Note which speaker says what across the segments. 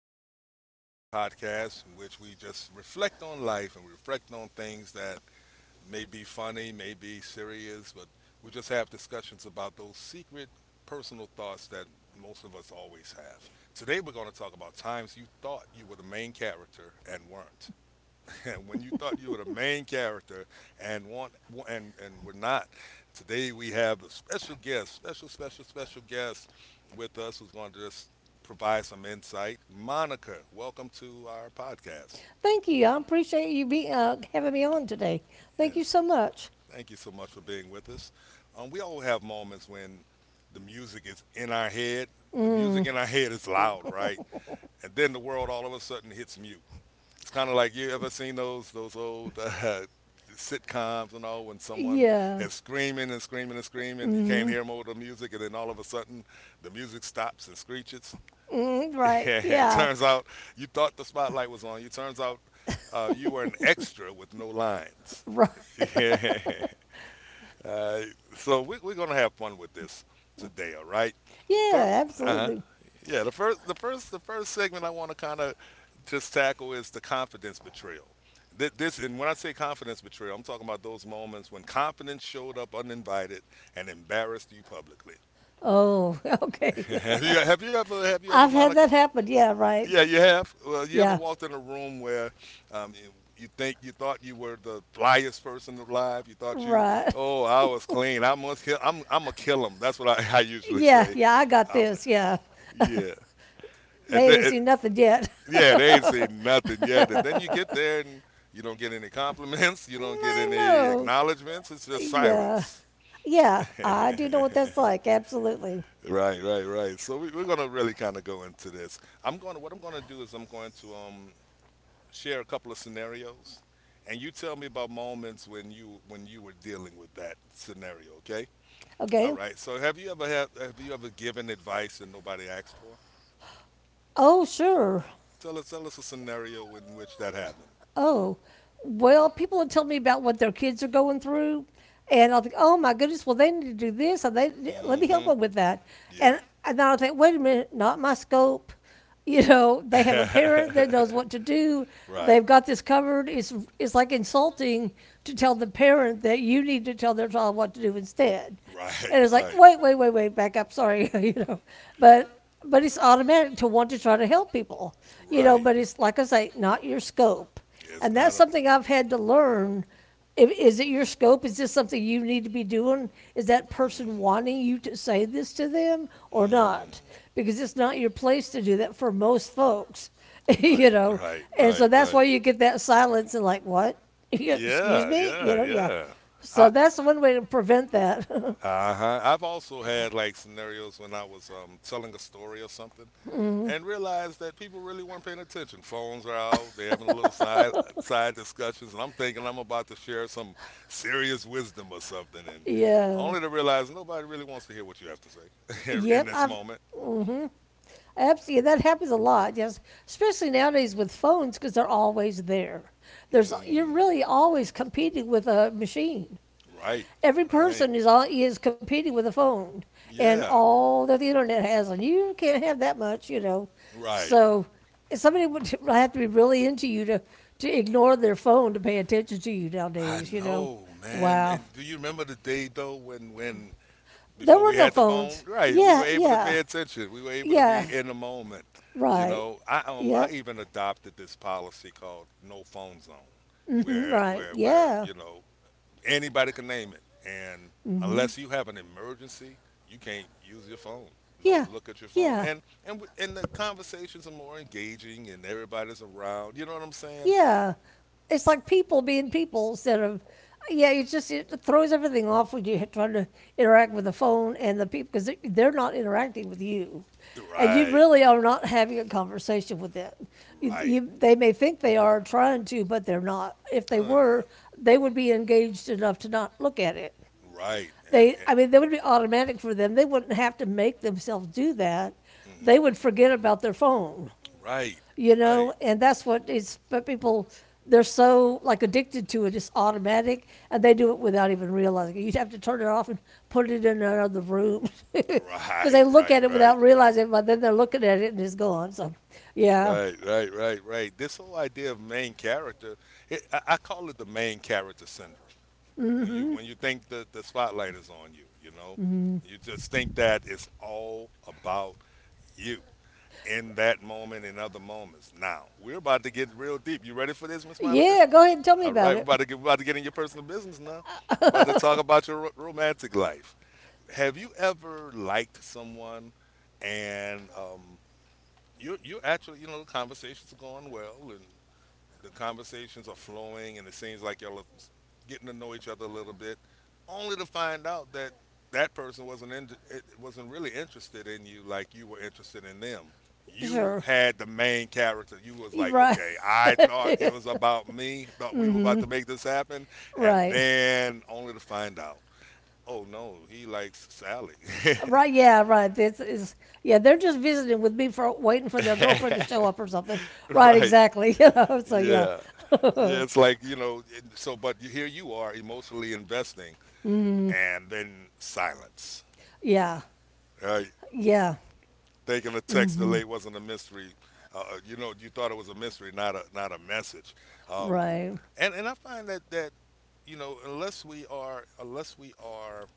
Speaker 1: the podcast in which we just reflect on life and reflect on things that may be funny, may be serious, but we just have discussions about those secret personal thoughts that most of us always have. Today we're going to talk about times you thought you were the main character and weren't. When you thought you were the main character and want and we're not. Today we have a special guest, special guest with us who's going to just provide some insight. Monica, welcome to our podcast.
Speaker 2: Thank you. I appreciate you having me on today.
Speaker 1: Yes.
Speaker 2: Thank you so much.
Speaker 1: Thank you so much for being with us. We all have moments when the music is in our head. The music
Speaker 2: Mm,
Speaker 1: in our head is loud, right? And then the world all of a sudden hits mute. It's kind of like you ever seen those old sitcoms and all when someone
Speaker 2: yeah.
Speaker 1: is screaming and screaming and screaming, you can't hear them over the music, and then all of a sudden the music stops and screeches.
Speaker 2: Mm, right.
Speaker 1: It
Speaker 2: Yeah.
Speaker 1: turns out you thought the spotlight was on you. Turns out you were an extra with no lines.
Speaker 2: Right.
Speaker 1: Yeah. Uh, so we're gonna have fun with this today, all right? The first,
Speaker 2: Yeah,
Speaker 1: uh-huh.
Speaker 2: absolutely.
Speaker 1: Yeah, the first segment I want to kind of just tackle is the confidence betrayal. And when I say confidence betrayal, I'm talking about those moments when confidence showed up uninvited and embarrassed you publicly.
Speaker 2: Oh, okay.
Speaker 1: Have you ever,
Speaker 2: I've had
Speaker 1: Monica?
Speaker 2: that happen. Yeah,
Speaker 1: Yeah,
Speaker 2: right.
Speaker 1: you have. Well, you ever
Speaker 2: Yeah,
Speaker 1: walked in a room where um, you, you thought you were the flyest person alive? You thought you,
Speaker 2: right.
Speaker 1: oh, I was clean. I must kill. I'm a kill 'em. I usually
Speaker 2: Yeah,
Speaker 1: say.
Speaker 2: yeah, I got
Speaker 1: I'm, a,
Speaker 2: this. Yeah.
Speaker 1: yeah. And
Speaker 2: They
Speaker 1: then,
Speaker 2: ain't seen nothing yet.
Speaker 1: yeah, they ain't seen nothing yet. And then you get there and you don't get any compliments. You don't get
Speaker 2: I
Speaker 1: any
Speaker 2: know.
Speaker 1: acknowledgments. It's just
Speaker 2: Yeah.
Speaker 1: silence.
Speaker 2: Yeah,
Speaker 1: right,
Speaker 2: I do know what that's like. Absolutely.
Speaker 1: right, right. So we're gonna really kind of go into this. I'm going. To What I'm going to do is I'm going to share a couple of scenarios, and you tell me about moments when you were dealing with that scenario. Okay. All
Speaker 2: Okay.
Speaker 1: right. So have you ever given advice and nobody asked for?
Speaker 2: Oh, sure.
Speaker 1: Tell us a scenario in which that happened.
Speaker 2: oh, well, people would tell me about what their kids are going through, and I'll think, oh my goodness, well they need to do this, and they let me help
Speaker 1: Mm-hmm.
Speaker 2: them with that,
Speaker 1: Yeah.
Speaker 2: and then I'll think, wait a minute, not my scope. You know, they have a parent that knows what to do.
Speaker 1: right.
Speaker 2: They've got this covered. It's like insulting to tell the parent that you need to tell their child what to do instead.
Speaker 1: Right.
Speaker 2: And it's like,
Speaker 1: Right.
Speaker 2: wait, wait, wait, wait, back up. Sorry, you know, but but it's automatic to want to try to help people, you know.
Speaker 1: Right.
Speaker 2: But it's like I say, not your scope.
Speaker 1: It's
Speaker 2: And
Speaker 1: not
Speaker 2: that's
Speaker 1: a.
Speaker 2: something I've had to learn. Is it your scope? Is this something you need to be doing? Is that person wanting you to say this to them or not? Because it's not your place to do that for most folks,
Speaker 1: Or not?
Speaker 2: you
Speaker 1: Right,
Speaker 2: know.
Speaker 1: right,
Speaker 2: And
Speaker 1: right,
Speaker 2: so that's why
Speaker 1: right.
Speaker 2: you get that silence and like, what? Excuse
Speaker 1: Yeah,
Speaker 2: me? You
Speaker 1: yeah,
Speaker 2: know, yeah.
Speaker 1: yeah.
Speaker 2: So
Speaker 1: I
Speaker 2: that's one way to prevent that.
Speaker 1: what uh huh. I've also had like scenarios when I was telling a story or something and realized that people really weren't paying attention. Phones are out. They're having a little side discussions, and I'm thinking I'm about to share some serious wisdom or something, and right,
Speaker 2: Yeah.
Speaker 1: only to realize nobody really wants to hear what you have to say
Speaker 2: Yep.
Speaker 1: in this
Speaker 2: I've.
Speaker 1: moment.
Speaker 2: Mm-hmm. Absolutely, that happens a lot. Yes, especially nowadays with phones because they're always there. There's You're
Speaker 1: Mm, It
Speaker 2: really always competing with a machine.
Speaker 1: right,
Speaker 2: Every
Speaker 1: right.
Speaker 2: person is competing with a phone and
Speaker 1: Yeah,
Speaker 2: all that the internet has, and you can't have that much, you know.
Speaker 1: right.
Speaker 2: So somebody would have to be really into you to ignore their phone to pay attention to you
Speaker 1: I
Speaker 2: nowadays. You know,
Speaker 1: know, man.
Speaker 2: wow,
Speaker 1: And do you remember the day though when
Speaker 2: there
Speaker 1: before
Speaker 2: were
Speaker 1: we
Speaker 2: no
Speaker 1: had the phone?
Speaker 2: phones.
Speaker 1: Right, we
Speaker 2: Yeah,
Speaker 1: were able to
Speaker 2: yeah,
Speaker 1: pay attention. We were able to be
Speaker 2: yeah.
Speaker 1: in the moment. You
Speaker 2: Right.
Speaker 1: know, I I
Speaker 2: Yep.
Speaker 1: even adopted this policy called no phone zone, where
Speaker 2: Right.
Speaker 1: where where
Speaker 2: Yeah.
Speaker 1: you know anybody can name it. And unless you have an emergency, you can't use your phone.
Speaker 2: Yeah,
Speaker 1: Don't look at your phone.
Speaker 2: yeah,
Speaker 1: And the conversations are more engaging, and everybody's around. You know what I'm saying?
Speaker 2: yeah. It's like people being people instead of, yeah, it just it throws everything off when you try to interact with the phone and the people because they're not interacting with you. And you
Speaker 1: Right.
Speaker 2: really are not having a conversation with them.
Speaker 1: Right.
Speaker 2: They may think they are trying to, but they're not. If they
Speaker 1: No, they're
Speaker 2: were,
Speaker 1: not.
Speaker 2: they would be engaged enough to not look at it.
Speaker 1: Right. And,
Speaker 2: They, I mean, that would be automatic for them. They wouldn't have to make themselves do that.
Speaker 1: and
Speaker 2: They
Speaker 1: hmm
Speaker 2: would forget about their phone,
Speaker 1: right.
Speaker 2: you
Speaker 1: Right.
Speaker 2: know, and that's what it's. But people, they're so like addicted to it, it's automatic, and they do it without even realizing it. You'd have to turn it off and put it in another room because
Speaker 1: Right.
Speaker 2: they look
Speaker 1: Right.
Speaker 2: at it
Speaker 1: Right.
Speaker 2: without realizing it. But then they're looking at it and it's gone. So, yeah,
Speaker 1: Right, right, right, right. This whole idea of main character, I call it the main character syndrome. When you think the spotlight is on you, you know,
Speaker 2: mm-hmm.
Speaker 1: you just think that it's all about you in that moment and other moments. Now we're about to get real deep. You ready for this, Miss Monica?
Speaker 2: Yeah. Go ahead and tell me
Speaker 1: All
Speaker 2: about
Speaker 1: right, we're
Speaker 2: it.
Speaker 1: about to get we're about to get in your personal business now. We're about to talk about your romantic life. Have you ever liked someone and you know the conversations are going well and the conversations are flowing and it seems like y'all are getting to know each other a little bit only to find out that that person wasn't really interested in you like you were interested in them. You
Speaker 2: Sure,
Speaker 1: had the main character. You was
Speaker 2: you're
Speaker 1: like,
Speaker 2: right.
Speaker 1: okay, I thought it was about me, thought we were
Speaker 2: Mm-hmm.
Speaker 1: about to make this happen, and
Speaker 2: Right.
Speaker 1: then only to find out, oh no, he likes Sally.
Speaker 2: Right, yeah, right. This is Yeah. They're just visiting with me for waiting for their girlfriend to show up or something. Right,
Speaker 1: right.
Speaker 2: exactly. You know, so yeah.
Speaker 1: Yeah. Yeah, it's like, you know, here you are emotionally investing
Speaker 2: Mm.
Speaker 1: and then silence,
Speaker 2: Yeah.
Speaker 1: right?
Speaker 2: Yeah.
Speaker 1: Thinking the text delay wasn't a mystery. You know, you thought it was a mystery, not not a message. Um,
Speaker 2: Right.
Speaker 1: and I find that, that, you know, unless we are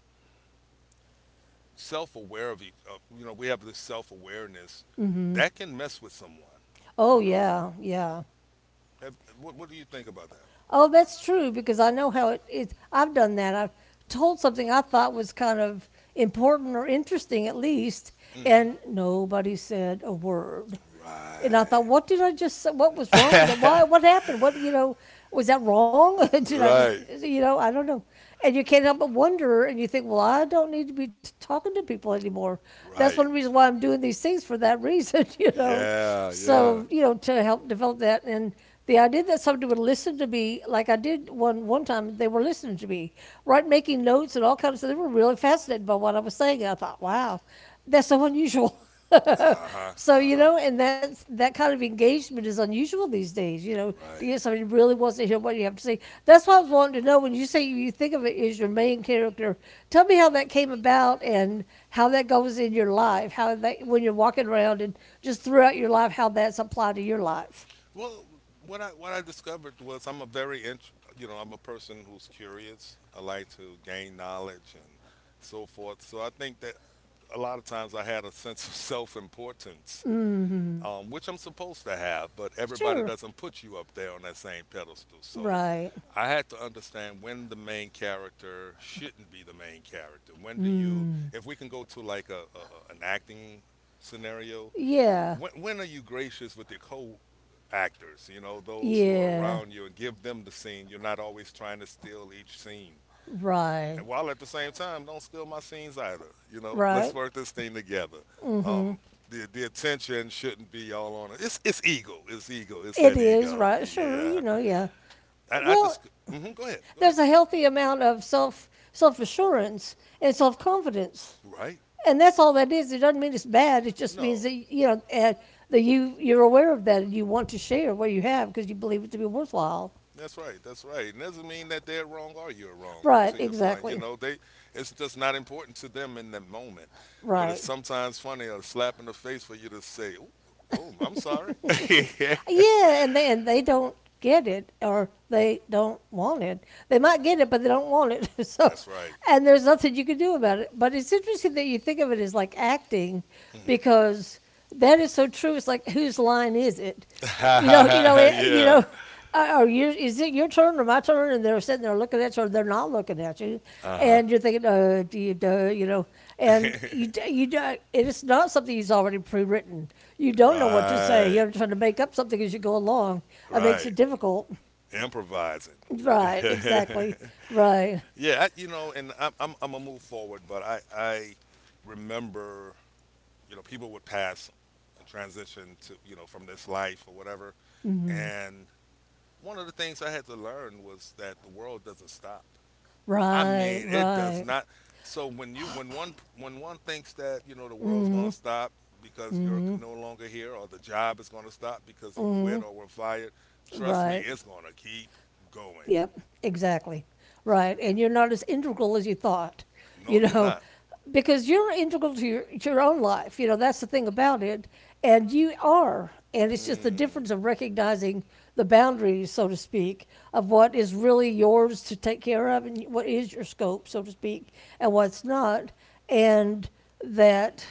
Speaker 1: self-aware of, you know, we have this self-awareness
Speaker 2: Hmm.
Speaker 1: that can mess with someone,
Speaker 2: Oh,
Speaker 1: you know?
Speaker 2: yeah. Yeah.
Speaker 1: Have- what do you think about that?
Speaker 2: Oh, that's true because I know how it is. I've done that. I've told something I thought was kind of important or interesting at least,
Speaker 1: Hmm and
Speaker 2: and nobody said a word.
Speaker 1: word.
Speaker 2: And I thought,
Speaker 1: Right.
Speaker 2: what did I just say? What was
Speaker 1: what
Speaker 2: wrong with it? Why?
Speaker 1: that
Speaker 2: What happened? What, you know, was that wrong?
Speaker 1: right.
Speaker 2: You know, I don't know. And you can't help but wonder, and you think, well, I don't need to be talking to people anymore. That's one
Speaker 1: Right.
Speaker 2: reason why I'm doing these things for that reason, you know.
Speaker 1: Yeah.
Speaker 2: So,
Speaker 1: Yeah.
Speaker 2: you know, to help develop that. And the idea that somebody would listen to me, like I did one time, they were listening to me, right, making notes and all kinds of stuff. They were really fascinated by what I was saying. I thought, wow, that's so unusual.
Speaker 1: Uh huh.
Speaker 2: So
Speaker 1: Uh
Speaker 2: you
Speaker 1: huh.
Speaker 2: know, and that's that kind of engagement is unusual these days. You
Speaker 1: You
Speaker 2: know,
Speaker 1: know,
Speaker 2: to
Speaker 1: right.
Speaker 2: get somebody who really wants to hear what you have to say. That's what I was wanting to know when you say you think of it as your main character. Tell me how that came about and how that goes in your life. How that when you're walking around and just throughout your life, how that's applied to your life.
Speaker 1: Well, what I discovered was I'm a very you know I'm a person who's curious. I like to gain knowledge and so forth. So I think that a lot of times I had a sense of self importance
Speaker 2: Mm-hmm.
Speaker 1: which I'm supposed to have, but everybody
Speaker 2: Sure.
Speaker 1: doesn't put you up there on that same pedestal. So
Speaker 2: Right.
Speaker 1: I had to understand when the main character shouldn't be the main character. When do you,
Speaker 2: Mm.
Speaker 1: if we can go to like an acting scenario,
Speaker 2: Yeah.
Speaker 1: when are you gracious with your co actors, you know, those who are
Speaker 2: Yeah.
Speaker 1: around you and give them the scene? You're not always trying to steal each scene and
Speaker 2: Right.
Speaker 1: while at the same time, don't steal my scenes either. You know,
Speaker 2: Right.
Speaker 1: let's work this thing together.
Speaker 2: Mm-hmm.
Speaker 1: Um, the attention shouldn't be all on it. It's ego. It's ego. It's
Speaker 2: It
Speaker 1: that
Speaker 2: is
Speaker 1: ego.
Speaker 2: right. Sure.
Speaker 1: Yeah.
Speaker 2: You know. Yeah.
Speaker 1: I, I just
Speaker 2: Well,
Speaker 1: hmm go ahead. Go ahead.
Speaker 2: there's a healthy amount of self assurance and self confidence,
Speaker 1: Right.
Speaker 2: and that's all that is. It doesn't mean it's bad. It just means
Speaker 1: No.
Speaker 2: that you know and that you're aware of that and you want to share what you have because you believe it to be worthwhile.
Speaker 1: That's right. That's right. And doesn't mean that they're wrong or you're wrong.
Speaker 2: Right.
Speaker 1: To your point, you
Speaker 2: Exactly.
Speaker 1: know, they it's just not important to them in that moment. But it's
Speaker 2: Right.
Speaker 1: sometimes funny, a slap in the face for you to say, "Oh, oh I'm sorry."
Speaker 2: Yeah, and then they don't get it or they don't want it. They
Speaker 1: no.
Speaker 2: might get it, but they don't want it. So
Speaker 1: That's right.
Speaker 2: and there's nothing you can do about it. But it's interesting that you think of it as like acting,
Speaker 1: hmm
Speaker 2: because that is so true. It's like whose line is it? You know, you know, you
Speaker 1: yeah.
Speaker 2: know. Are you? Is it your turn or my turn? And they're sitting there looking at you, or they're not looking at you,
Speaker 1: Uh huh.
Speaker 2: and you're thinking, do you know? And you, d- you, d- it is not something he's already pre-written. You don't know what to say.
Speaker 1: right.
Speaker 2: You're trying to make up something as you go along. It makes
Speaker 1: Right.
Speaker 2: it difficult.
Speaker 1: Improvising.
Speaker 2: Right?
Speaker 1: yeah.
Speaker 2: Exactly. Right.
Speaker 1: I, you know, and I'm gonna move forward, but I remember you know people would pass and transition to you know from this life or whatever,
Speaker 2: Mm-hmm.
Speaker 1: and one of the things I had to learn was that the world doesn't stop. I
Speaker 2: Right,
Speaker 1: mean, it does
Speaker 2: right.
Speaker 1: not. So when you when one thinks that you know the world's going to stop because you're
Speaker 2: Mm
Speaker 1: no longer here, or the job is going to stop because you
Speaker 2: hmm
Speaker 1: quit
Speaker 2: hmm.
Speaker 1: or were fired, trust me,
Speaker 2: Right.
Speaker 1: it's going to keep going.
Speaker 2: Yep. Exactly. Right. And you're not as integral as you thought, you
Speaker 1: No, you're
Speaker 2: know,
Speaker 1: not.
Speaker 2: because you're integral to your own life. You know, that's the thing about it. And you are. And it's just the
Speaker 1: Mm,
Speaker 2: difference of recognizing the boundaries, so to speak, of what is really yours to take care of and what is your scope, so to speak, and what's not. And that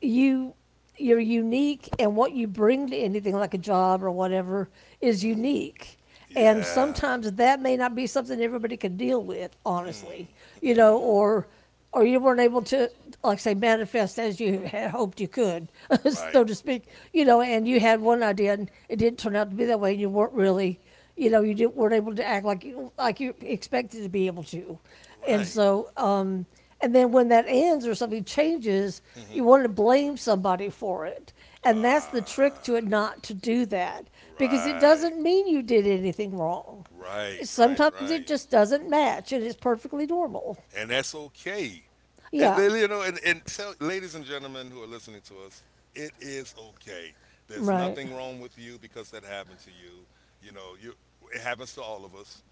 Speaker 2: you you're unique and what you bring to anything like a job or whatever is
Speaker 1: mhm.
Speaker 2: unique, and
Speaker 1: Yeah.
Speaker 2: sometimes that may not be something everybody can deal with
Speaker 1: Mm,
Speaker 2: honestly, you
Speaker 1: mm,
Speaker 2: know, or you weren't able to, like say, manifest as you had hoped you could, so
Speaker 1: right.
Speaker 2: to speak. You know, and you had one idea and it didn't turn out to be that way and you weren't really, you know, you didn't, weren't able to act like you expected to be able to, and
Speaker 1: Right.
Speaker 2: so and then when that ends or something changes, you
Speaker 1: Mhm.
Speaker 2: want to blame somebody for it. And that's the trick
Speaker 1: Ah,
Speaker 2: to it not to do that, because it
Speaker 1: right,
Speaker 2: doesn't mean you did anything wrong.
Speaker 1: right, right,
Speaker 2: Sometimes it
Speaker 1: right,
Speaker 2: just doesn't match and it's perfectly normal.
Speaker 1: and that's okay. And,
Speaker 2: Yeah,
Speaker 1: you know, and tell, ladies and gentlemen who are listening to us, it is okay. There's
Speaker 2: right.
Speaker 1: nothing wrong with you because that happened to you. You know, you it happens to all of us.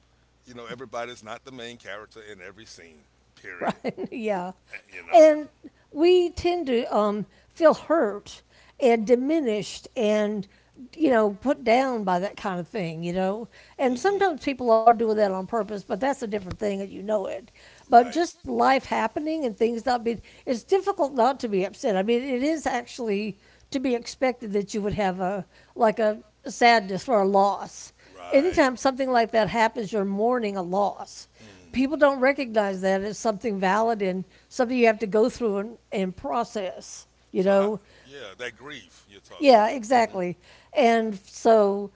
Speaker 1: You know, everybody's not the main character in every scene. Period.
Speaker 2: Right? Yeah.
Speaker 1: You know,
Speaker 2: And we tend to feel hurt and diminished and, you know, put down by that kind of thing, you know. And
Speaker 1: Mhm.
Speaker 2: sometimes people are doing that on purpose, but that's a different thing and you know it. But
Speaker 1: Right?
Speaker 2: just life happening and things not being, it's difficult not to be upset. I mean, it is actually to be expected that you would have a, like a, sadness or a loss.
Speaker 1: Right.
Speaker 2: Anytime something like that happens, you're mourning a loss. People don't
Speaker 1: Mm.
Speaker 2: recognize that as something valid and something you have to go through and process, you
Speaker 1: So how?
Speaker 2: know?
Speaker 1: Yeah, that grief you're talking
Speaker 2: Yeah,
Speaker 1: about. Mm hmm.
Speaker 2: exactly. And so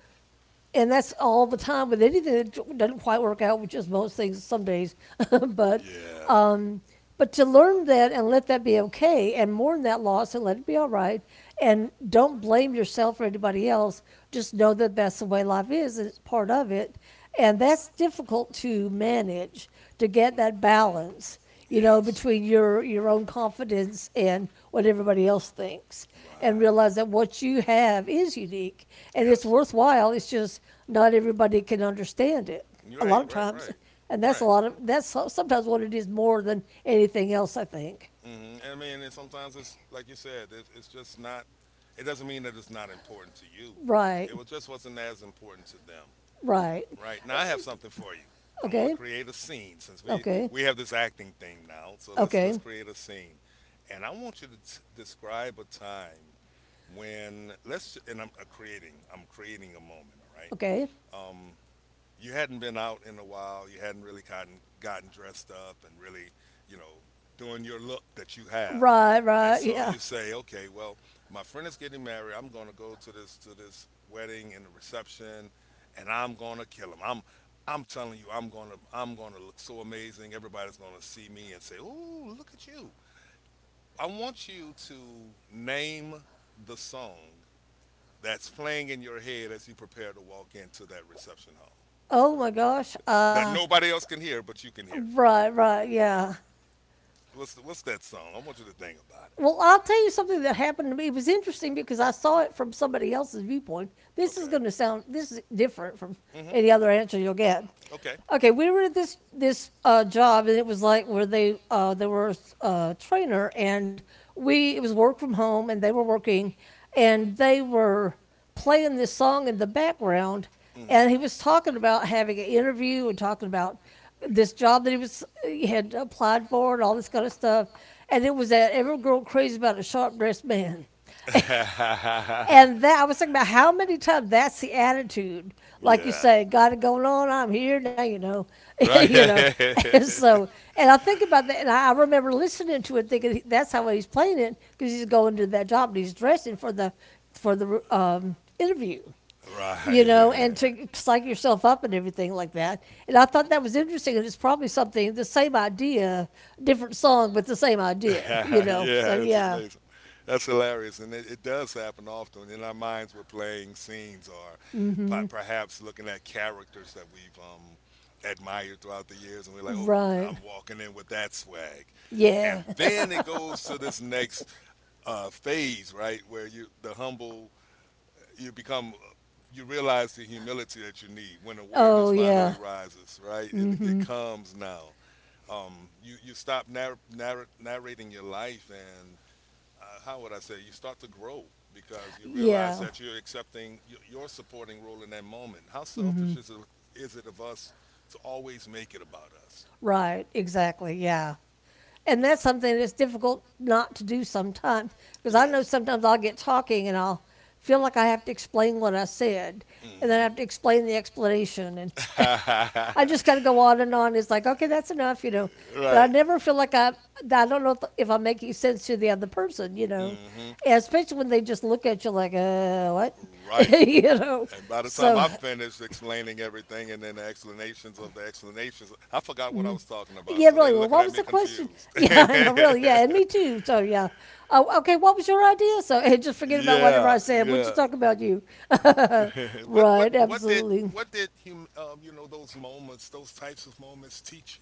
Speaker 2: and that's all the time with anything that doesn't quite work out, which is most things some days. But
Speaker 1: Yeah.
Speaker 2: um, but to learn that and let that be okay and mourn that loss and let it be all right, and don't blame yourself or anybody else. Just know that that's the way life is and it's part of it. And that's difficult to manage, to get that balance, you know,
Speaker 1: Yes.
Speaker 2: between your own confidence and what everybody else thinks, and
Speaker 1: Right.
Speaker 2: realize that what you have is unique and it's
Speaker 1: Yes.
Speaker 2: worthwhile. It's just not everybody can understand it a
Speaker 1: Right.
Speaker 2: lot of
Speaker 1: Right.
Speaker 2: times,
Speaker 1: Right.
Speaker 2: and that's
Speaker 1: Right.
Speaker 2: a lot of that's sometimes what it is more than anything else. I think.
Speaker 1: Mm-hmm. I mean, and sometimes it's like you said, it's just not. It doesn't mean that it's not important to you.
Speaker 2: Right.
Speaker 1: It was just wasn't as important to them.
Speaker 2: Right.
Speaker 1: Right now, I have something for you. I want to
Speaker 2: Okay.
Speaker 1: create a scene since we okay,
Speaker 2: Okay.
Speaker 1: we have this acting thing now. So let's
Speaker 2: Okay.
Speaker 1: okay, create a scene, and I want you to describe a time when let's, and I'm creating. I'm creating a moment. All right.
Speaker 2: Okay.
Speaker 1: Um, you hadn't been out in a while. You hadn't really gotten dressed up and really, you know, doing your look that you have.
Speaker 2: Right.
Speaker 1: And
Speaker 2: Right.
Speaker 1: so
Speaker 2: Yeah.
Speaker 1: you say, okay, well, my friend is getting married. I'm going to go to this wedding and the reception, and I'm going to kill him. I'm telling you, I'm going to look so amazing. Everybody's going to see me and say, "Ooh, look at you." I want you to name the song that's playing in your head as you prepare to walk into that reception hall
Speaker 2: Oh my gosh.
Speaker 1: that nobody else can hear but you can hear.
Speaker 2: Right. Right. Yeah.
Speaker 1: What's the, what's that song? I want you to think about
Speaker 2: Well, I'll tell you something that happened to me. It was interesting because I saw it from somebody else's viewpoint.
Speaker 1: it.
Speaker 2: This is
Speaker 1: Okay.
Speaker 2: going to sound, this is different from
Speaker 1: Mhm.
Speaker 2: any other answer you'll get.
Speaker 1: Okay.
Speaker 2: Okay, we were at this job, and it was like where they were a trainer, and we it was work from home and they were working and they were playing this song in the background,
Speaker 1: mm
Speaker 2: and he was talking about having an interview and talking about this job that he had applied for and all this kind of stuff, and it was that every girl crazy about a sharp dressed man.
Speaker 1: Mhm.
Speaker 2: And that I was thinking about how many times that's the attitude. Like you
Speaker 1: Yeah.
Speaker 2: say, got it going on. I'm here now. You know.
Speaker 1: Right.
Speaker 2: And so, and I think about that, and I remember listening to it, thinking that's how he's playing it because he's going to that job and he's dressing for the interview. You know, and to psych yourself up and everything
Speaker 1: Right.
Speaker 2: like that. And I thought that was interesting, and it's probably something the same idea, different song, but the same idea. You know,
Speaker 1: Yeah,
Speaker 2: so
Speaker 1: it's
Speaker 2: yeah,
Speaker 1: amazing. That's hilarious, and it does happen often in our minds. We're playing scenes, or
Speaker 2: mm hmm,
Speaker 1: perhaps looking at characters that we've admired throughout the years, and we're like, "Oh,
Speaker 2: right,
Speaker 1: I'm walking in with that swag." And
Speaker 2: yeah.
Speaker 1: then it goes to this next phase, right, where you the humble, you become, you realize the humility that you need when awareness
Speaker 2: Oh,
Speaker 1: finally
Speaker 2: yeah.
Speaker 1: rises, right? It comes now you stop narrating your life, and how would I say? You start to grow because you realize
Speaker 2: Yeah.
Speaker 1: that you're accepting your supporting role in that moment. How selfish is it of us to always make it about us?
Speaker 2: Right. Exactly. Yeah. And
Speaker 1: Yeah,
Speaker 2: that's something that's difficult not to do sometimes because
Speaker 1: it
Speaker 2: I know
Speaker 1: is.
Speaker 2: sometimes I'll get talking and I'll feel like I have to explain what I said, and then I
Speaker 1: Mm-hmm.
Speaker 2: have to explain the explanation, and I just kind of go on and on. It's like, okay, that's enough, you know. But I
Speaker 1: Right.
Speaker 2: never feel like that I don't know if I'm making sense to the other person, you know.
Speaker 1: Mm-hmm.
Speaker 2: And especially when they just look at you like, what,
Speaker 1: Right.
Speaker 2: you know.
Speaker 1: And by the time
Speaker 2: So
Speaker 1: I finished explaining everything and then the explanations of the explanations, I forgot what I was talking about.
Speaker 2: yeah,
Speaker 1: So they're
Speaker 2: really. Well,
Speaker 1: looking
Speaker 2: what
Speaker 1: at
Speaker 2: was
Speaker 1: me
Speaker 2: the question?
Speaker 1: confused.
Speaker 2: Yeah, I know, really. Yeah, and me too. So, yeah. Oh, okay, what was your idea? So, and just forget about whatever
Speaker 1: Yeah,
Speaker 2: I said. We'll just
Speaker 1: yeah.
Speaker 2: talk about you.
Speaker 1: what what
Speaker 2: Right,
Speaker 1: what did
Speaker 2: absolutely.
Speaker 1: what did you know those moments, those types of moments teach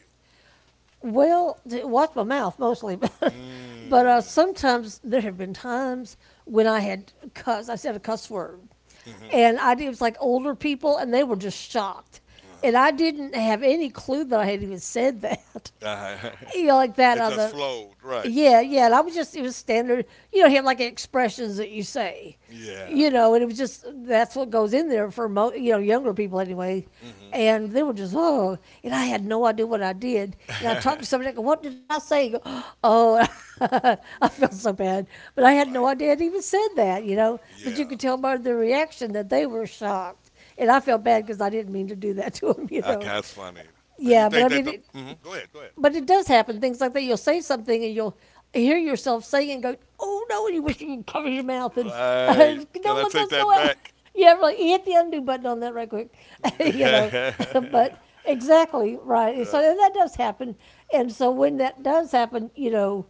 Speaker 2: Well, to watch my mouth mostly, but,
Speaker 1: you? Mm.
Speaker 2: sometimes there have been times when I said a cuss word,
Speaker 1: Mhm.
Speaker 2: and it was like older people, and they were just shocked, and
Speaker 1: Uh-huh.
Speaker 2: I didn't have any clue that I had even said that,
Speaker 1: Uh-huh.
Speaker 2: you know, like that
Speaker 1: It just
Speaker 2: other.
Speaker 1: flowed, right?
Speaker 2: Yeah, yeah. And I was just, it was standard, you know. He had like expressions that you say,
Speaker 1: Yeah.
Speaker 2: you know, and it was just, that's what goes in there for, you know, younger people anyway.
Speaker 1: hmm
Speaker 2: And they were just, oh, and I had no idea what I did. And I
Speaker 1: Man,
Speaker 2: talked to somebody, I go, what did I say? He go, oh, I felt so bad. But I had no
Speaker 1: right.
Speaker 2: idea I'd even said that, you know. But you
Speaker 1: Yeah.
Speaker 2: could tell by their reaction that they were shocked. And I felt bad because I didn't mean to do that to them, you
Speaker 1: I
Speaker 2: know.
Speaker 1: kind funny. Do you
Speaker 2: Yeah, but
Speaker 1: think that the. Hmm Go ahead, go ahead.
Speaker 2: but it does happen. Things like that. You'll say something and you'll hear yourself saying and go, "Oh no!" And you wish you could cover your mouth and
Speaker 1: Right. Can
Speaker 2: don't
Speaker 1: I
Speaker 2: let
Speaker 1: take
Speaker 2: those
Speaker 1: that
Speaker 2: go out.
Speaker 1: back?
Speaker 2: Yeah, like you hit the undo button on that right quick. You know, but exactly right. So
Speaker 1: Yeah.
Speaker 2: that does happen. And so when that does happen, you know,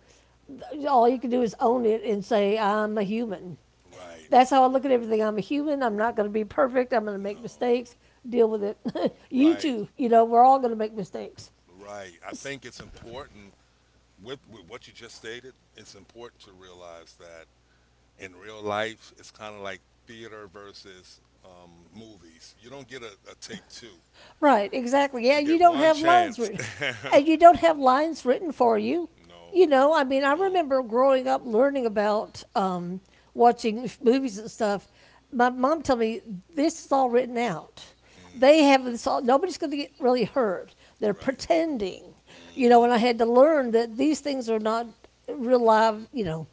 Speaker 2: all you can do is own it and say, "I'm a human."
Speaker 1: Right.
Speaker 2: That's how I look at everything. I'm a human. I'm not going to be perfect. I'm going to make
Speaker 1: No.
Speaker 2: mistakes. Deal with it. You
Speaker 1: Right.
Speaker 2: too. You know, we're all going to make mistakes.
Speaker 1: Right. I think it's important with what you just stated. It's important to realize that in real life, it's kind of like theater versus movies. You don't get a take two.
Speaker 2: Right, exactly.
Speaker 1: Do
Speaker 2: Yeah, you don't have
Speaker 1: lines. Yeah,
Speaker 2: lines written,
Speaker 1: you
Speaker 2: and you don't have lines written for you.
Speaker 1: no,
Speaker 2: You know, I mean, I remember growing up learning about watching movies and stuff. My mom told me this is all written out.
Speaker 1: Mm,
Speaker 2: They have this all. Nobody's going to get really hurt. They're
Speaker 1: It's
Speaker 2: pretending,
Speaker 1: You
Speaker 2: you know. And I had to
Speaker 1: hmm
Speaker 2: learn that these things are not real live, you know.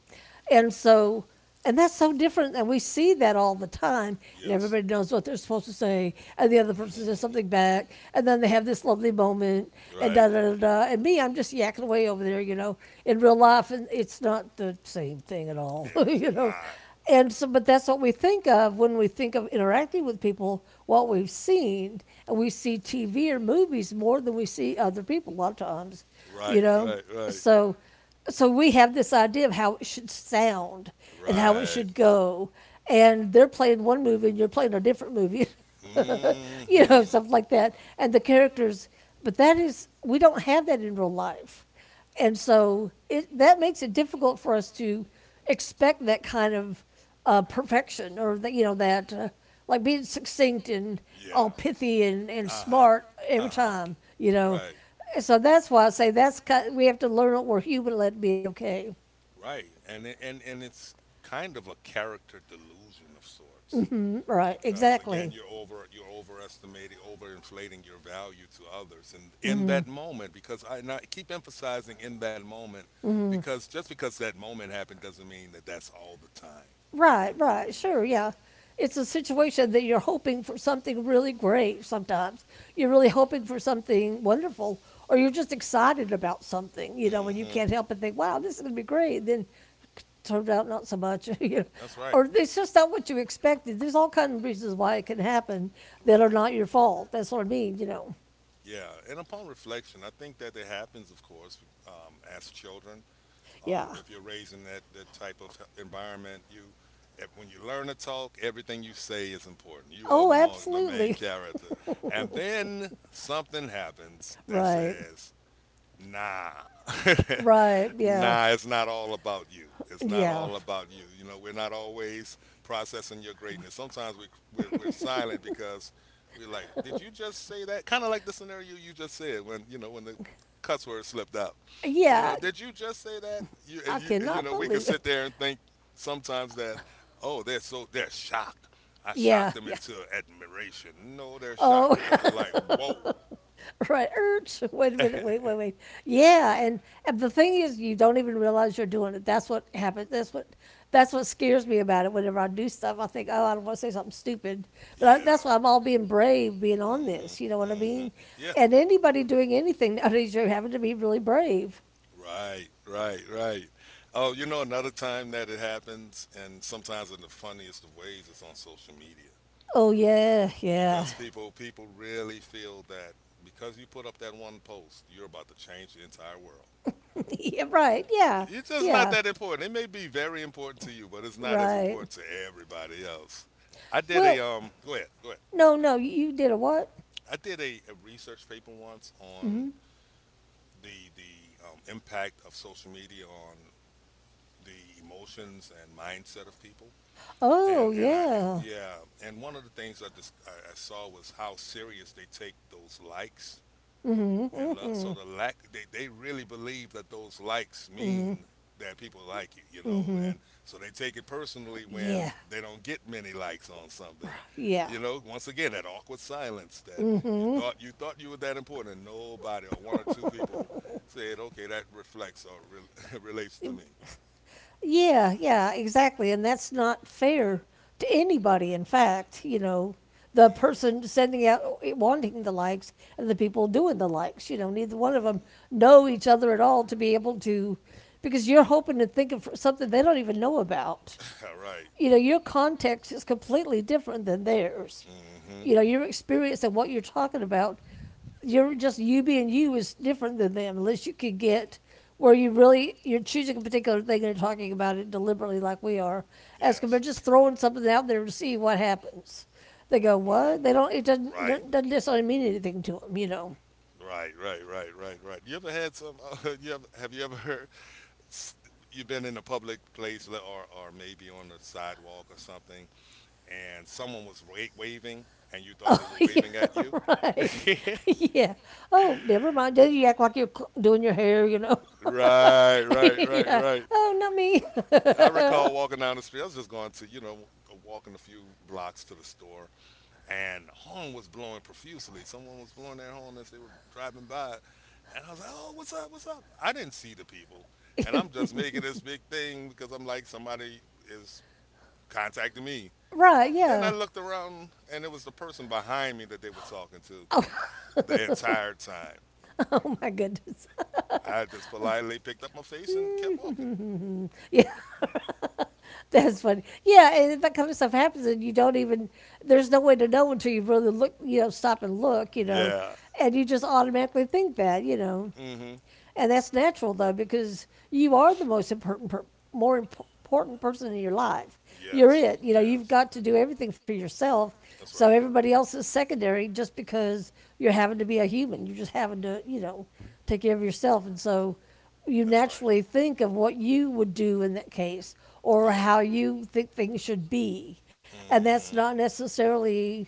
Speaker 2: And so and that's so different, and we see that all the time. And
Speaker 1: Yes.
Speaker 2: everybody knows what they're supposed to say, and the other person says something back, and then they have this lovely moment, and
Speaker 1: Right.
Speaker 2: da da da da. And me, I'm just yakking away over there, you know. In real life, and it's not the same thing at all,
Speaker 1: It
Speaker 2: you know.
Speaker 1: not.
Speaker 2: And so, but that's what we think of when we think of interacting with people. What we've seen, and we see TV or movies more than we see other people a lot of times,
Speaker 1: Right.
Speaker 2: you know.
Speaker 1: Right. Right.
Speaker 2: So so we have this idea of how it should sound and how it
Speaker 1: Right.
Speaker 2: should go, and they're playing one movie and you're playing a
Speaker 1: know,
Speaker 2: different movie. You
Speaker 1: Mm-hmm.
Speaker 2: know, stuff like that and the characters, but that is we don't have that in real life, and so it that makes it difficult for us to expect that kind of perfection, or that you know that like being succinct and
Speaker 1: Yeah.
Speaker 2: all pithy and, smart every time, you
Speaker 1: You know.
Speaker 2: know.
Speaker 1: Right.
Speaker 2: So that's why I say that's we have to learn it where human let be okay.
Speaker 1: Right. And it's kind of a character delusion of sorts.
Speaker 2: Right,
Speaker 1: Because again
Speaker 2: exactly.
Speaker 1: you're overestimating overinflating your value to others and in that moment because I, and I keep emphasizing in that moment because just because that moment happened doesn't mean that that's all the time, you
Speaker 2: Right,
Speaker 1: know what I
Speaker 2: right,
Speaker 1: mean?
Speaker 2: sure, yeah. It's a situation that you're hoping for something really great sometimes. You're really hoping for something wonderful, or you're just excited about something, you know, and you
Speaker 1: Mm-hmm.
Speaker 2: can't help but think, wow, this is going to be great. Then it turned out not so much, you know,
Speaker 1: That's right.
Speaker 2: or it's just not what you expected. There's all kinds of reasons why it can happen that are
Speaker 1: Right.
Speaker 2: not your fault. That's what I mean, you know.
Speaker 1: Yeah, and upon reflection I think that it happens of course, as children.
Speaker 2: Yeah.
Speaker 1: If you're raised in that type of environment, you if, when you learn to talk, everything you say is important. You are
Speaker 2: Oh,
Speaker 1: the main
Speaker 2: absolutely.
Speaker 1: character. And then something happens that
Speaker 2: Right.
Speaker 1: says, Nah.
Speaker 2: Right. Yeah.
Speaker 1: Nah, it's not all about you. It's not
Speaker 2: Yeah.
Speaker 1: all about you. You know, we're not always processing your greatness. Sometimes we're silent because we're like, did you just say that? Kind of like the scenario you just said when, you know, when the cuss word slipped out. You
Speaker 2: Yeah.
Speaker 1: know, did you just say that?
Speaker 2: I
Speaker 1: You
Speaker 2: cannot
Speaker 1: know, we
Speaker 2: believe
Speaker 1: could
Speaker 2: it.
Speaker 1: sit there and think sometimes that, oh, they're shocked. I
Speaker 2: Yeah.
Speaker 1: shocked them
Speaker 2: Yeah.
Speaker 1: into admiration. No, they're
Speaker 2: Oh,
Speaker 1: shocked because they're like, whoa.
Speaker 2: right. Urge. Wait a minute. Wait, wait, wait. Yeah. And the thing is, you don't even realize you're doing it. That's what happens. That's what. That's what scares me about it. Whenever I do stuff, I think, oh, I don't want to say something stupid. But I, that's
Speaker 1: Yeah.
Speaker 2: why I'm all being brave, being on this. You know
Speaker 1: Mm-hmm.
Speaker 2: what I
Speaker 1: Mm-hmm.
Speaker 2: mean?
Speaker 1: Yeah.
Speaker 2: And anybody doing anything nowadays, you're having to be really brave.
Speaker 1: Right. Right. Right. Oh, you know, another time that it happens, and sometimes in the funniest of ways, it's on social media
Speaker 2: Oh yeah, yeah,
Speaker 1: because people really feel that because you put up that one post, you're about to change the entire world.
Speaker 2: yeah. Right. Yeah.
Speaker 1: It's just not
Speaker 2: Yeah.
Speaker 1: that important. It may be very important to you, but it's not as
Speaker 2: Right.
Speaker 1: important to everybody else. I did a
Speaker 2: Well,
Speaker 1: um. Go ahead. Go ahead.
Speaker 2: no, no, you did a what?
Speaker 1: I did a research paper once on
Speaker 2: Hmm.
Speaker 1: the impact of social media on the emotions and mindset of people. And
Speaker 2: Oh,
Speaker 1: and I
Speaker 2: yeah.
Speaker 1: yeah, and one of the things I saw was how serious they take those likes and love. So
Speaker 2: Hmm.
Speaker 1: the lack they really believe that those likes mean that people like you know, and so they take it personally
Speaker 2: Yeah,
Speaker 1: when they don't get many likes on something.
Speaker 2: yeah.
Speaker 1: You know, once again that awkward silence that you thought you were that important. And nobody or one or two people said, "Okay, that reflects or relates to me."
Speaker 2: Yeah, yeah, exactly. And that's not fair to anybody, in fact, you know, the person sending out wanting the likes and the people doing the likes, you know, neither one of them
Speaker 1: Mm.
Speaker 2: know each other at all to be able to because you're hoping and thinking for something they don't even know about.
Speaker 1: All right.
Speaker 2: You know, your context is completely different than theirs.
Speaker 1: Mm-hmm.
Speaker 2: You know, your experience and what you're talking about, you're just you being you is different than them, unless you could get where you're choosing a particular thing and talking about it deliberately like we are, as compared
Speaker 1: Yes.
Speaker 2: to just throwing something out there to see what happens. They go,
Speaker 1: Mm.
Speaker 2: what? They don't. It
Speaker 1: Right.
Speaker 2: doesn't necessarily mean anything to them, you know.
Speaker 1: Right, right, right, right, right. You ever had some? Have you ever heard? S- You've been in a public place, or maybe on the sidewalk or something, and someone was waving, and you thought they were
Speaker 2: Yeah,
Speaker 1: waving at you.
Speaker 2: right. Yeah. Oh, never mind. Then you act like you're doing your hair, you know.
Speaker 1: Right, right, right,
Speaker 2: Yeah.
Speaker 1: right.
Speaker 2: Oh, not me.
Speaker 1: I recall walking down the street. I was just going to, you know, walking a few blocks to the store, and horn was blowing profusely. Someone was blowing their horn as they were driving by, and I was like, "Oh, what's up? What's up?" I didn't see the people, and I'm just making this big thing because I'm like, somebody is contacting me. Oh,
Speaker 2: Right.
Speaker 1: then I
Speaker 2: Yeah.
Speaker 1: looked around, and it was the person behind me that they were talking to the entire time.
Speaker 2: Oh my goodness.
Speaker 1: I just politely picked up my face and kept walking.
Speaker 2: Yeah. That's funny. Yeah, and that kind of stuff happens, and you don't even. There's no way to know until you really look. You know, stop and look. You know,
Speaker 1: Yeah.
Speaker 2: and you just automatically think that. You know.
Speaker 1: hmm
Speaker 2: And that's natural though, because you are the most important, more important person in your life. You're
Speaker 1: Yes.
Speaker 2: it. You know, you've got to do everything for yourself.
Speaker 1: That's
Speaker 2: So
Speaker 1: right.
Speaker 2: everybody else is secondary just because you're having to be a human. You're just having to, you know, take care of yourself. And so you naturally think of what you would do in that case, or
Speaker 1: Yeah.
Speaker 2: how you think things should be. And
Speaker 1: And
Speaker 2: that's
Speaker 1: hmm
Speaker 2: not necessarily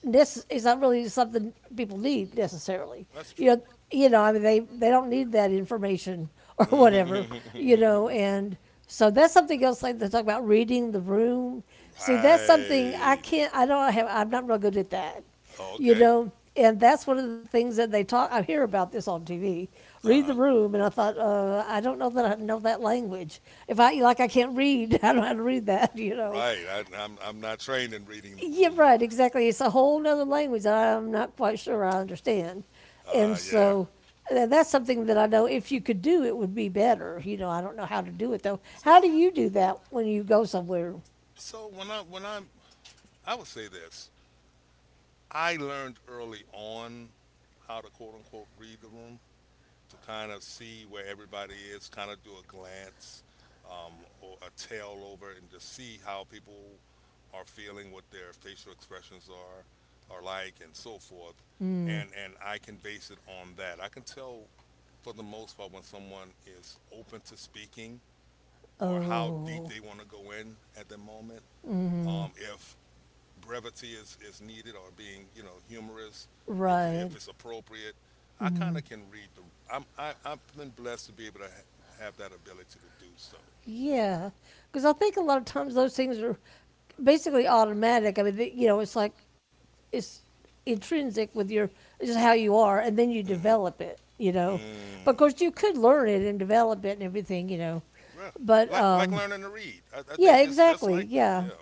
Speaker 2: this is not really something people need necessarily.
Speaker 1: That's
Speaker 2: You
Speaker 1: true.
Speaker 2: know, you know, I mean, they don't need that information or whatever.
Speaker 1: You
Speaker 2: You know, and so that's something else. Like they talk about reading the room. See, that's something I
Speaker 1: right.
Speaker 2: can't. I don't have. I'm not real good at that.
Speaker 1: That. Oh,
Speaker 2: You
Speaker 1: okay.
Speaker 2: know. And that's one of the things that they talk. I hear about this on TV.
Speaker 1: Uh
Speaker 2: Read the
Speaker 1: huh.
Speaker 2: room, and I thought, I don't know that I know that language. If I like, I can't read. I don't know how to read that, you know.
Speaker 1: Right. I'm not trained in reading the
Speaker 2: Yeah,
Speaker 1: room.
Speaker 2: right, exactly. It's a whole nother language that I'm not quite sure I understand. And
Speaker 1: Yeah.
Speaker 2: so that's something that I know if you could do, it would be better. You know, I don't know how to do it though.
Speaker 1: So
Speaker 2: How do you do that when you go somewhere?
Speaker 1: so when I I would say this, I learned early on how to quote unquote read the room, to kind of see where everybody is, kind of do a glance or a tail over and to see how people are feeling, what their facial expressions are like, and so forth.
Speaker 2: Mm.
Speaker 1: And I can base it on that. I can tell for the most part when someone is open to speaking or how deep
Speaker 2: Oh,
Speaker 1: they want to go in at the moment.
Speaker 2: mm-hmm,
Speaker 1: If brevity is needed or being you know humorous
Speaker 2: right.
Speaker 1: if it's appropriate I kind
Speaker 2: Mm-hmm.
Speaker 1: of can read the I've been blessed to be able to have that ability to do so
Speaker 2: Yeah. Because I think a lot of times those things are basically automatic. I mean, they, you know, it's like it's intrinsic with your just how you are, and then you
Speaker 1: mm Mhm.
Speaker 2: develop it, you
Speaker 1: mm.
Speaker 2: know. But of
Speaker 1: mm
Speaker 2: course, you could learn it and develop it and everything, you know.
Speaker 1: Yeah.
Speaker 2: But
Speaker 1: Like learning to read I
Speaker 2: yeah,
Speaker 1: think it's just
Speaker 2: exactly,
Speaker 1: like that
Speaker 2: yeah.
Speaker 1: yeah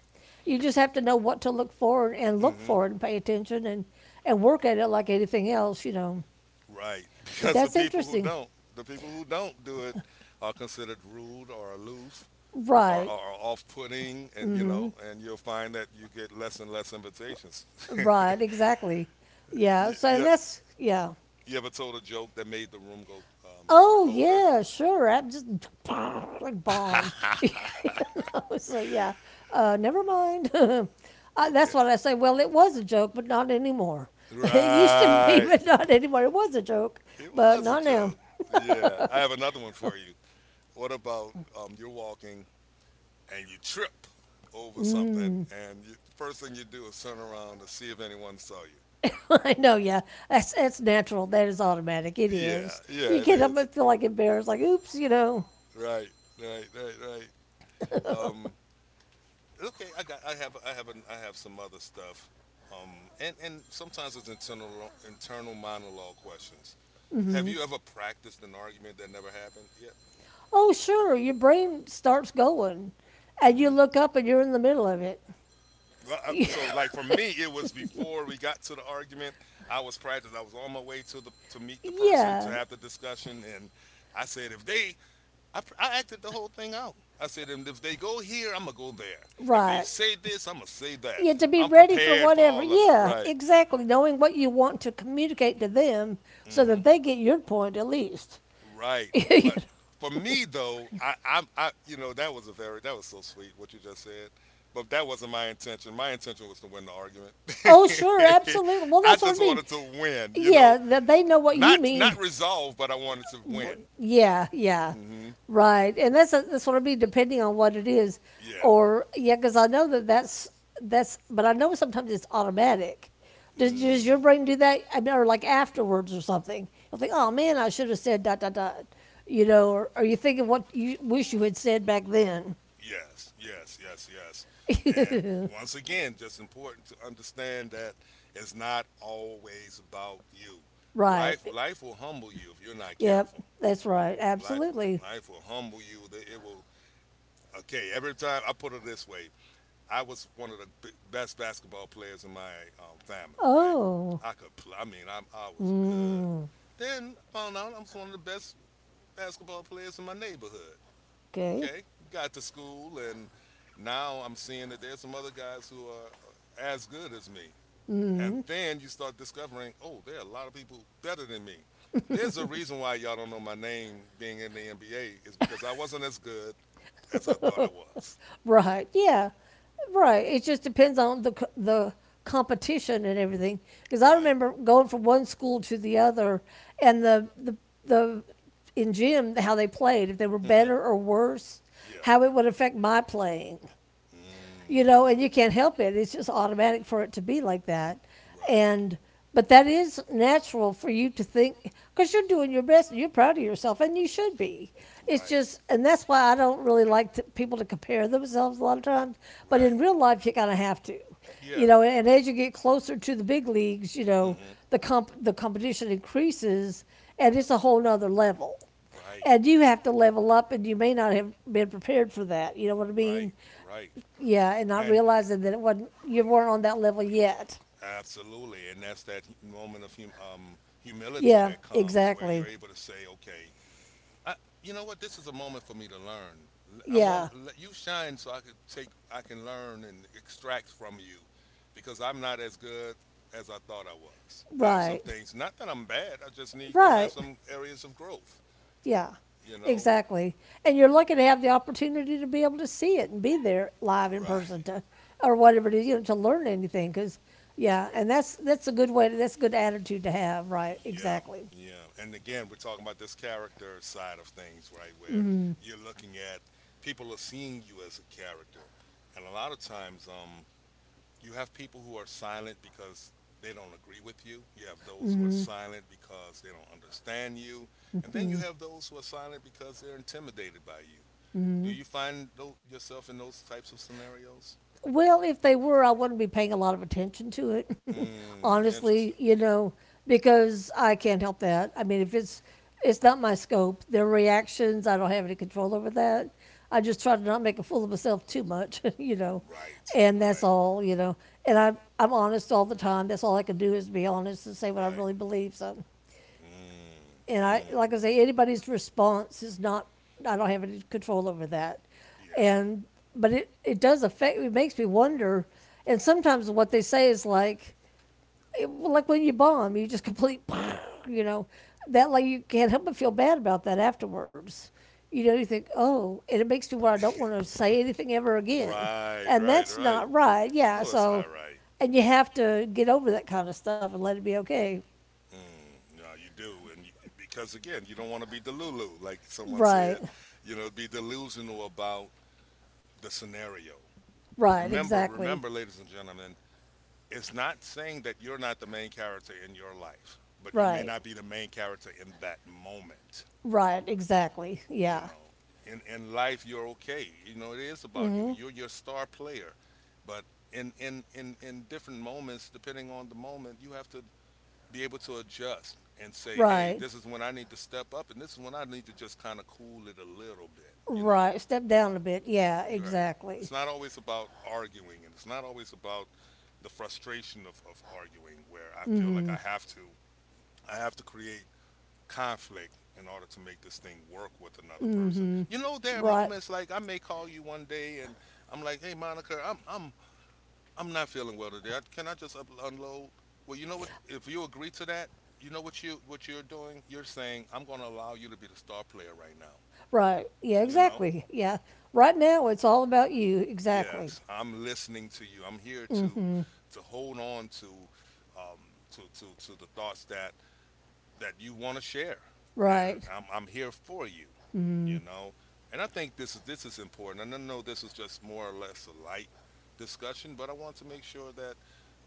Speaker 2: You just have to know what to look for and look for it
Speaker 1: mm-hmm.
Speaker 2: and pay attention and work at it like anything else, you know.
Speaker 1: Right.
Speaker 2: But
Speaker 1: Because
Speaker 2: that's interesting,
Speaker 1: the people who don't do it are considered rude or aloof
Speaker 2: right?
Speaker 1: are off-putting, and you
Speaker 2: Mm-hmm.
Speaker 1: know, and you'll find that you get less and less invitations.
Speaker 2: Right, exactly. Yeah. So and
Speaker 1: Yep.
Speaker 2: that's yeah.
Speaker 1: You ever told a joke that made the room go go
Speaker 2: Oh
Speaker 1: colder?
Speaker 2: yeah, sure. I'm just like bombed. so yeah, never mind.
Speaker 1: Okay.
Speaker 2: That's what I say. Well, it was a joke, but not anymore. It used to be, but
Speaker 1: Right.
Speaker 2: not anymore. It was a joke,
Speaker 1: It
Speaker 2: but
Speaker 1: was
Speaker 2: not
Speaker 1: a
Speaker 2: now.
Speaker 1: joke. Yeah. I have another one for you. What about you're walking and you trip over something,
Speaker 2: Mm,
Speaker 1: and you, the first thing you do is turn around to see if anyone saw you.
Speaker 2: I know. Yeah, that's natural. That is automatic. It
Speaker 1: Yeah,
Speaker 2: is. You
Speaker 1: yeah, it
Speaker 2: get up and
Speaker 1: is.
Speaker 2: feel like embarrassed, like oops, you know.
Speaker 1: Right, right, right, right. Um, okay, I have, an, I have some other stuff. And sometimes it's internal monologue questions. Have you ever practiced an argument that never happened yet?
Speaker 2: Oh sure, your brain starts going, and you
Speaker 1: Hmm
Speaker 2: look up and you're in the middle of it.
Speaker 1: Well, I- So like for me, it was before we got to the argument. I was practicing. I was on my way to the to meet the person to
Speaker 2: Yeah,
Speaker 1: have the discussion, and I said, if they I acted the whole thing out. I said, "And if they go here, I'm gonna go there. If they
Speaker 2: right.
Speaker 1: say this, I'm gonna say that.
Speaker 2: Yeah, to be
Speaker 1: I'm
Speaker 2: ready for
Speaker 1: prepared for
Speaker 2: whatever.
Speaker 1: all of it.
Speaker 2: Yeah,
Speaker 1: Right.
Speaker 2: exactly, knowing what you want to communicate to them so that they
Speaker 1: mm
Speaker 2: get your point at least.
Speaker 1: hmm Right.
Speaker 2: You
Speaker 1: But
Speaker 2: know,
Speaker 1: for me though, you know, that was so sweet what you just said. But that wasn't my intention. My intention was to win the argument.
Speaker 2: oh, sure, absolutely. Well,
Speaker 1: I
Speaker 2: that's what
Speaker 1: just
Speaker 2: I mean.
Speaker 1: wanted to win. You
Speaker 2: Yeah,
Speaker 1: know,
Speaker 2: that they know what you
Speaker 1: not not
Speaker 2: mean.
Speaker 1: resolve, but I wanted to win.
Speaker 2: Yeah, yeah,
Speaker 1: Mm hmm
Speaker 2: right. And that's what I mean. Depending on what it is,
Speaker 1: Yeah.
Speaker 2: or yeah, because I know that that's that's. But I know sometimes it's automatic. Does
Speaker 1: Mm.
Speaker 2: your brain do that? I mean, or like afterwards or something? You'll think, oh man, I should have said dot dot dot. You know, or are you thinking what you wish you had said back then?
Speaker 1: Yes. And once again, just important to understand that it's not always about you.
Speaker 2: Right.
Speaker 1: Life, life will humble you if you're not
Speaker 2: Yep.
Speaker 1: careful.
Speaker 2: That's right.
Speaker 1: Life,
Speaker 2: Absolutely.
Speaker 1: life will humble you. That It will. Okay, every time I put it this way, I was one of the best basketball players in my family. Right?
Speaker 2: Oh.
Speaker 1: I could. Play, I mean, I was good.
Speaker 2: Mm,
Speaker 1: Then I found out I was one of the best basketball players in my neighborhood.
Speaker 2: okay.
Speaker 1: Okay, got to school, and now I'm seeing that there's some other guys who are as good as me. And
Speaker 2: Mm.
Speaker 1: then you start discovering, oh, there are a lot of people better than me. There's a reason why y'all don't know my name being in the NBA is because I wasn't as good as I thought I was.
Speaker 2: Right. Yeah. Right. It just depends on the the competition and everything. Because I
Speaker 1: Right.
Speaker 2: remember going from one school to the other, and the in gym how they played, if they were
Speaker 1: Mm-hmm.
Speaker 2: better or worse, how
Speaker 1: Yeah.
Speaker 2: it would affect my playing, you
Speaker 1: Mm.
Speaker 2: know, and you can't help it. It's just automatic for it to be like that.
Speaker 1: Right.
Speaker 2: And but that is natural for you to think because you're doing your best and you're proud of yourself and you should be. It's
Speaker 1: Right.
Speaker 2: just, and that's why I don't really like to, people to compare themselves a lot of times. But in
Speaker 1: Right.
Speaker 2: real life, you kind of have to,
Speaker 1: Yeah.
Speaker 2: you know. And as you get closer to the big leagues, you know,
Speaker 1: Mm-hmm.
Speaker 2: the competition increases and it's a whole nother level
Speaker 1: Right.
Speaker 2: and you have to level up and you may not have been prepared for that, you know what I
Speaker 1: Right.
Speaker 2: mean.
Speaker 1: Right.
Speaker 2: Yeah, and not
Speaker 1: And
Speaker 2: realizing that it wasn't, you weren't on that level yet.
Speaker 1: absolutely, and that's that moment of humility
Speaker 2: Yeah,
Speaker 1: that comes where you're
Speaker 2: exactly.
Speaker 1: able to say, "Okay, I, you know what? This is a moment for me to learn. I want
Speaker 2: Yeah,
Speaker 1: let you shine so I can learn and extract from you, because I'm not as good." As I thought I was, I have some
Speaker 2: right.
Speaker 1: things. Not that I'm bad. I just need, you know, I have
Speaker 2: Right.
Speaker 1: some areas of growth.
Speaker 2: Yeah.
Speaker 1: You know?
Speaker 2: Exactly. And you're lucky to have the opportunity to be able to see it and be there live in person
Speaker 1: Right.
Speaker 2: to or whatever it is, you know, to learn anything cuz yeah, and that's a good way to, that's a good attitude to have, right?
Speaker 1: Yeah,
Speaker 2: Exactly.
Speaker 1: yeah. And again, we're talking about this character side of things, right? Where you're looking at people are seeing you as a character, and a lot of times, you have people who are silent because they don't agree with you. You have those who are silent because they don't understand you, and then you have those who are silent because they're intimidated by you. Do you find yourself in those types of scenarios?
Speaker 2: Well, if they were, I wouldn't be paying a lot of attention to it,
Speaker 1: Mm,
Speaker 2: honestly,
Speaker 1: interesting.
Speaker 2: you know, because I can't help that. I mean, if it's not my scope, their reactions, I don't have any control over that. I just try to not make a fool of myself too much, you know,
Speaker 1: Right,
Speaker 2: and that's
Speaker 1: right,
Speaker 2: all, you know. And I'm honest all the time. That's all I can do is be honest and say what I
Speaker 1: right.
Speaker 2: really believe. So
Speaker 1: Mm,
Speaker 2: and I
Speaker 1: mm,
Speaker 2: like I say anybody's response is not, I don't have any control over that,
Speaker 1: yeah.
Speaker 2: and but it does affect, it makes me wonder, and sometimes what they say is like it, well, like when you bomb you just complete you know, that like you can't help but feel bad about that afterwards, you know, you think oh, and it makes me where I don't want to say anything ever again,
Speaker 1: Right,
Speaker 2: and
Speaker 1: right,
Speaker 2: that's
Speaker 1: right.
Speaker 2: not right,
Speaker 1: No,
Speaker 2: yeah,
Speaker 1: that's not
Speaker 2: so
Speaker 1: right.
Speaker 2: and you have to get over that kind of stuff and let it be okay.
Speaker 1: Mm, no, you do, and you, because again, you don't want to be delulu, like someone said.
Speaker 2: Right.
Speaker 1: You know, be delusional about the scenario.
Speaker 2: Right,
Speaker 1: Remember,
Speaker 2: exactly.
Speaker 1: remember, ladies and gentlemen, it's not saying that you're not the main character in your life, but you may
Speaker 2: Right.
Speaker 1: not be the main character in that moment.
Speaker 2: Right, exactly.
Speaker 1: You
Speaker 2: Yeah.
Speaker 1: know, in life, you're okay. You know, it is about you.
Speaker 2: Mhm.
Speaker 1: You're your star player, but in different moments, depending on the moment, you have to be able to adjust and say, hey, Right.
Speaker 2: Right.
Speaker 1: this is when I need to step up, and this is when I need to just kind of cool it a little bit, you know?
Speaker 2: Right.
Speaker 1: Right.
Speaker 2: Step
Speaker 1: Sit down
Speaker 2: down a
Speaker 1: a
Speaker 2: bit.
Speaker 1: bit.
Speaker 2: Yeah,
Speaker 1: Yeah. You're right. Yeah. It's
Speaker 2: exactly.
Speaker 1: not always about arguing, and it's not always about the frustration of arguing, where I feel like
Speaker 2: Mhm.
Speaker 1: I have to create conflict in order to make this thing work with another person. You know, there are
Speaker 2: Right.
Speaker 1: moments like I may call you one day, and I'm like, hey, Monica, I'm not feeling well today. Can I just up, unload? Well, you know what? If you agree to that, you know what you what you're doing. You're saying I'm going to allow you to be the star player right now.
Speaker 2: Right. Yeah,
Speaker 1: You know?
Speaker 2: exactly. Yeah. Right now it's all about you.
Speaker 1: Exactly.
Speaker 2: Exactly.
Speaker 1: Yes, I'm listening to you. I'm here
Speaker 2: Mhm.
Speaker 1: to hold on to um, to the thoughts that you want to share, and
Speaker 2: Right.
Speaker 1: I'm here for you. You
Speaker 2: Mhm.
Speaker 1: know, and I think this is important. And I know this is just more or less a light discussion, but I want to make sure that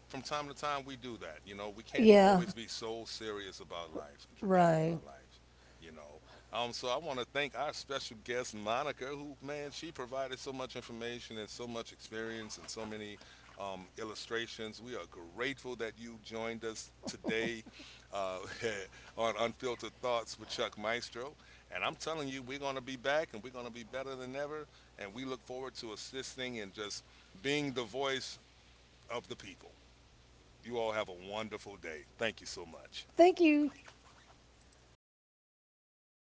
Speaker 1: from time to time we do that. You know, we can't
Speaker 2: Yeah.
Speaker 1: always be so serious about life and dramatic about
Speaker 2: Right.
Speaker 1: life. You know, so I want to thank our special guest Monica, who man, she provided so much information and so much experience and so many illustrations. We are grateful that you joined us today uh, on Unfiltered Thoughts with Chuck Maestro. And I'm telling you, we're going to be back and we're going to be better than ever. And we look forward to assisting and just being the voice of the people. You all have a wonderful day. Thank you so much.
Speaker 2: Thank you.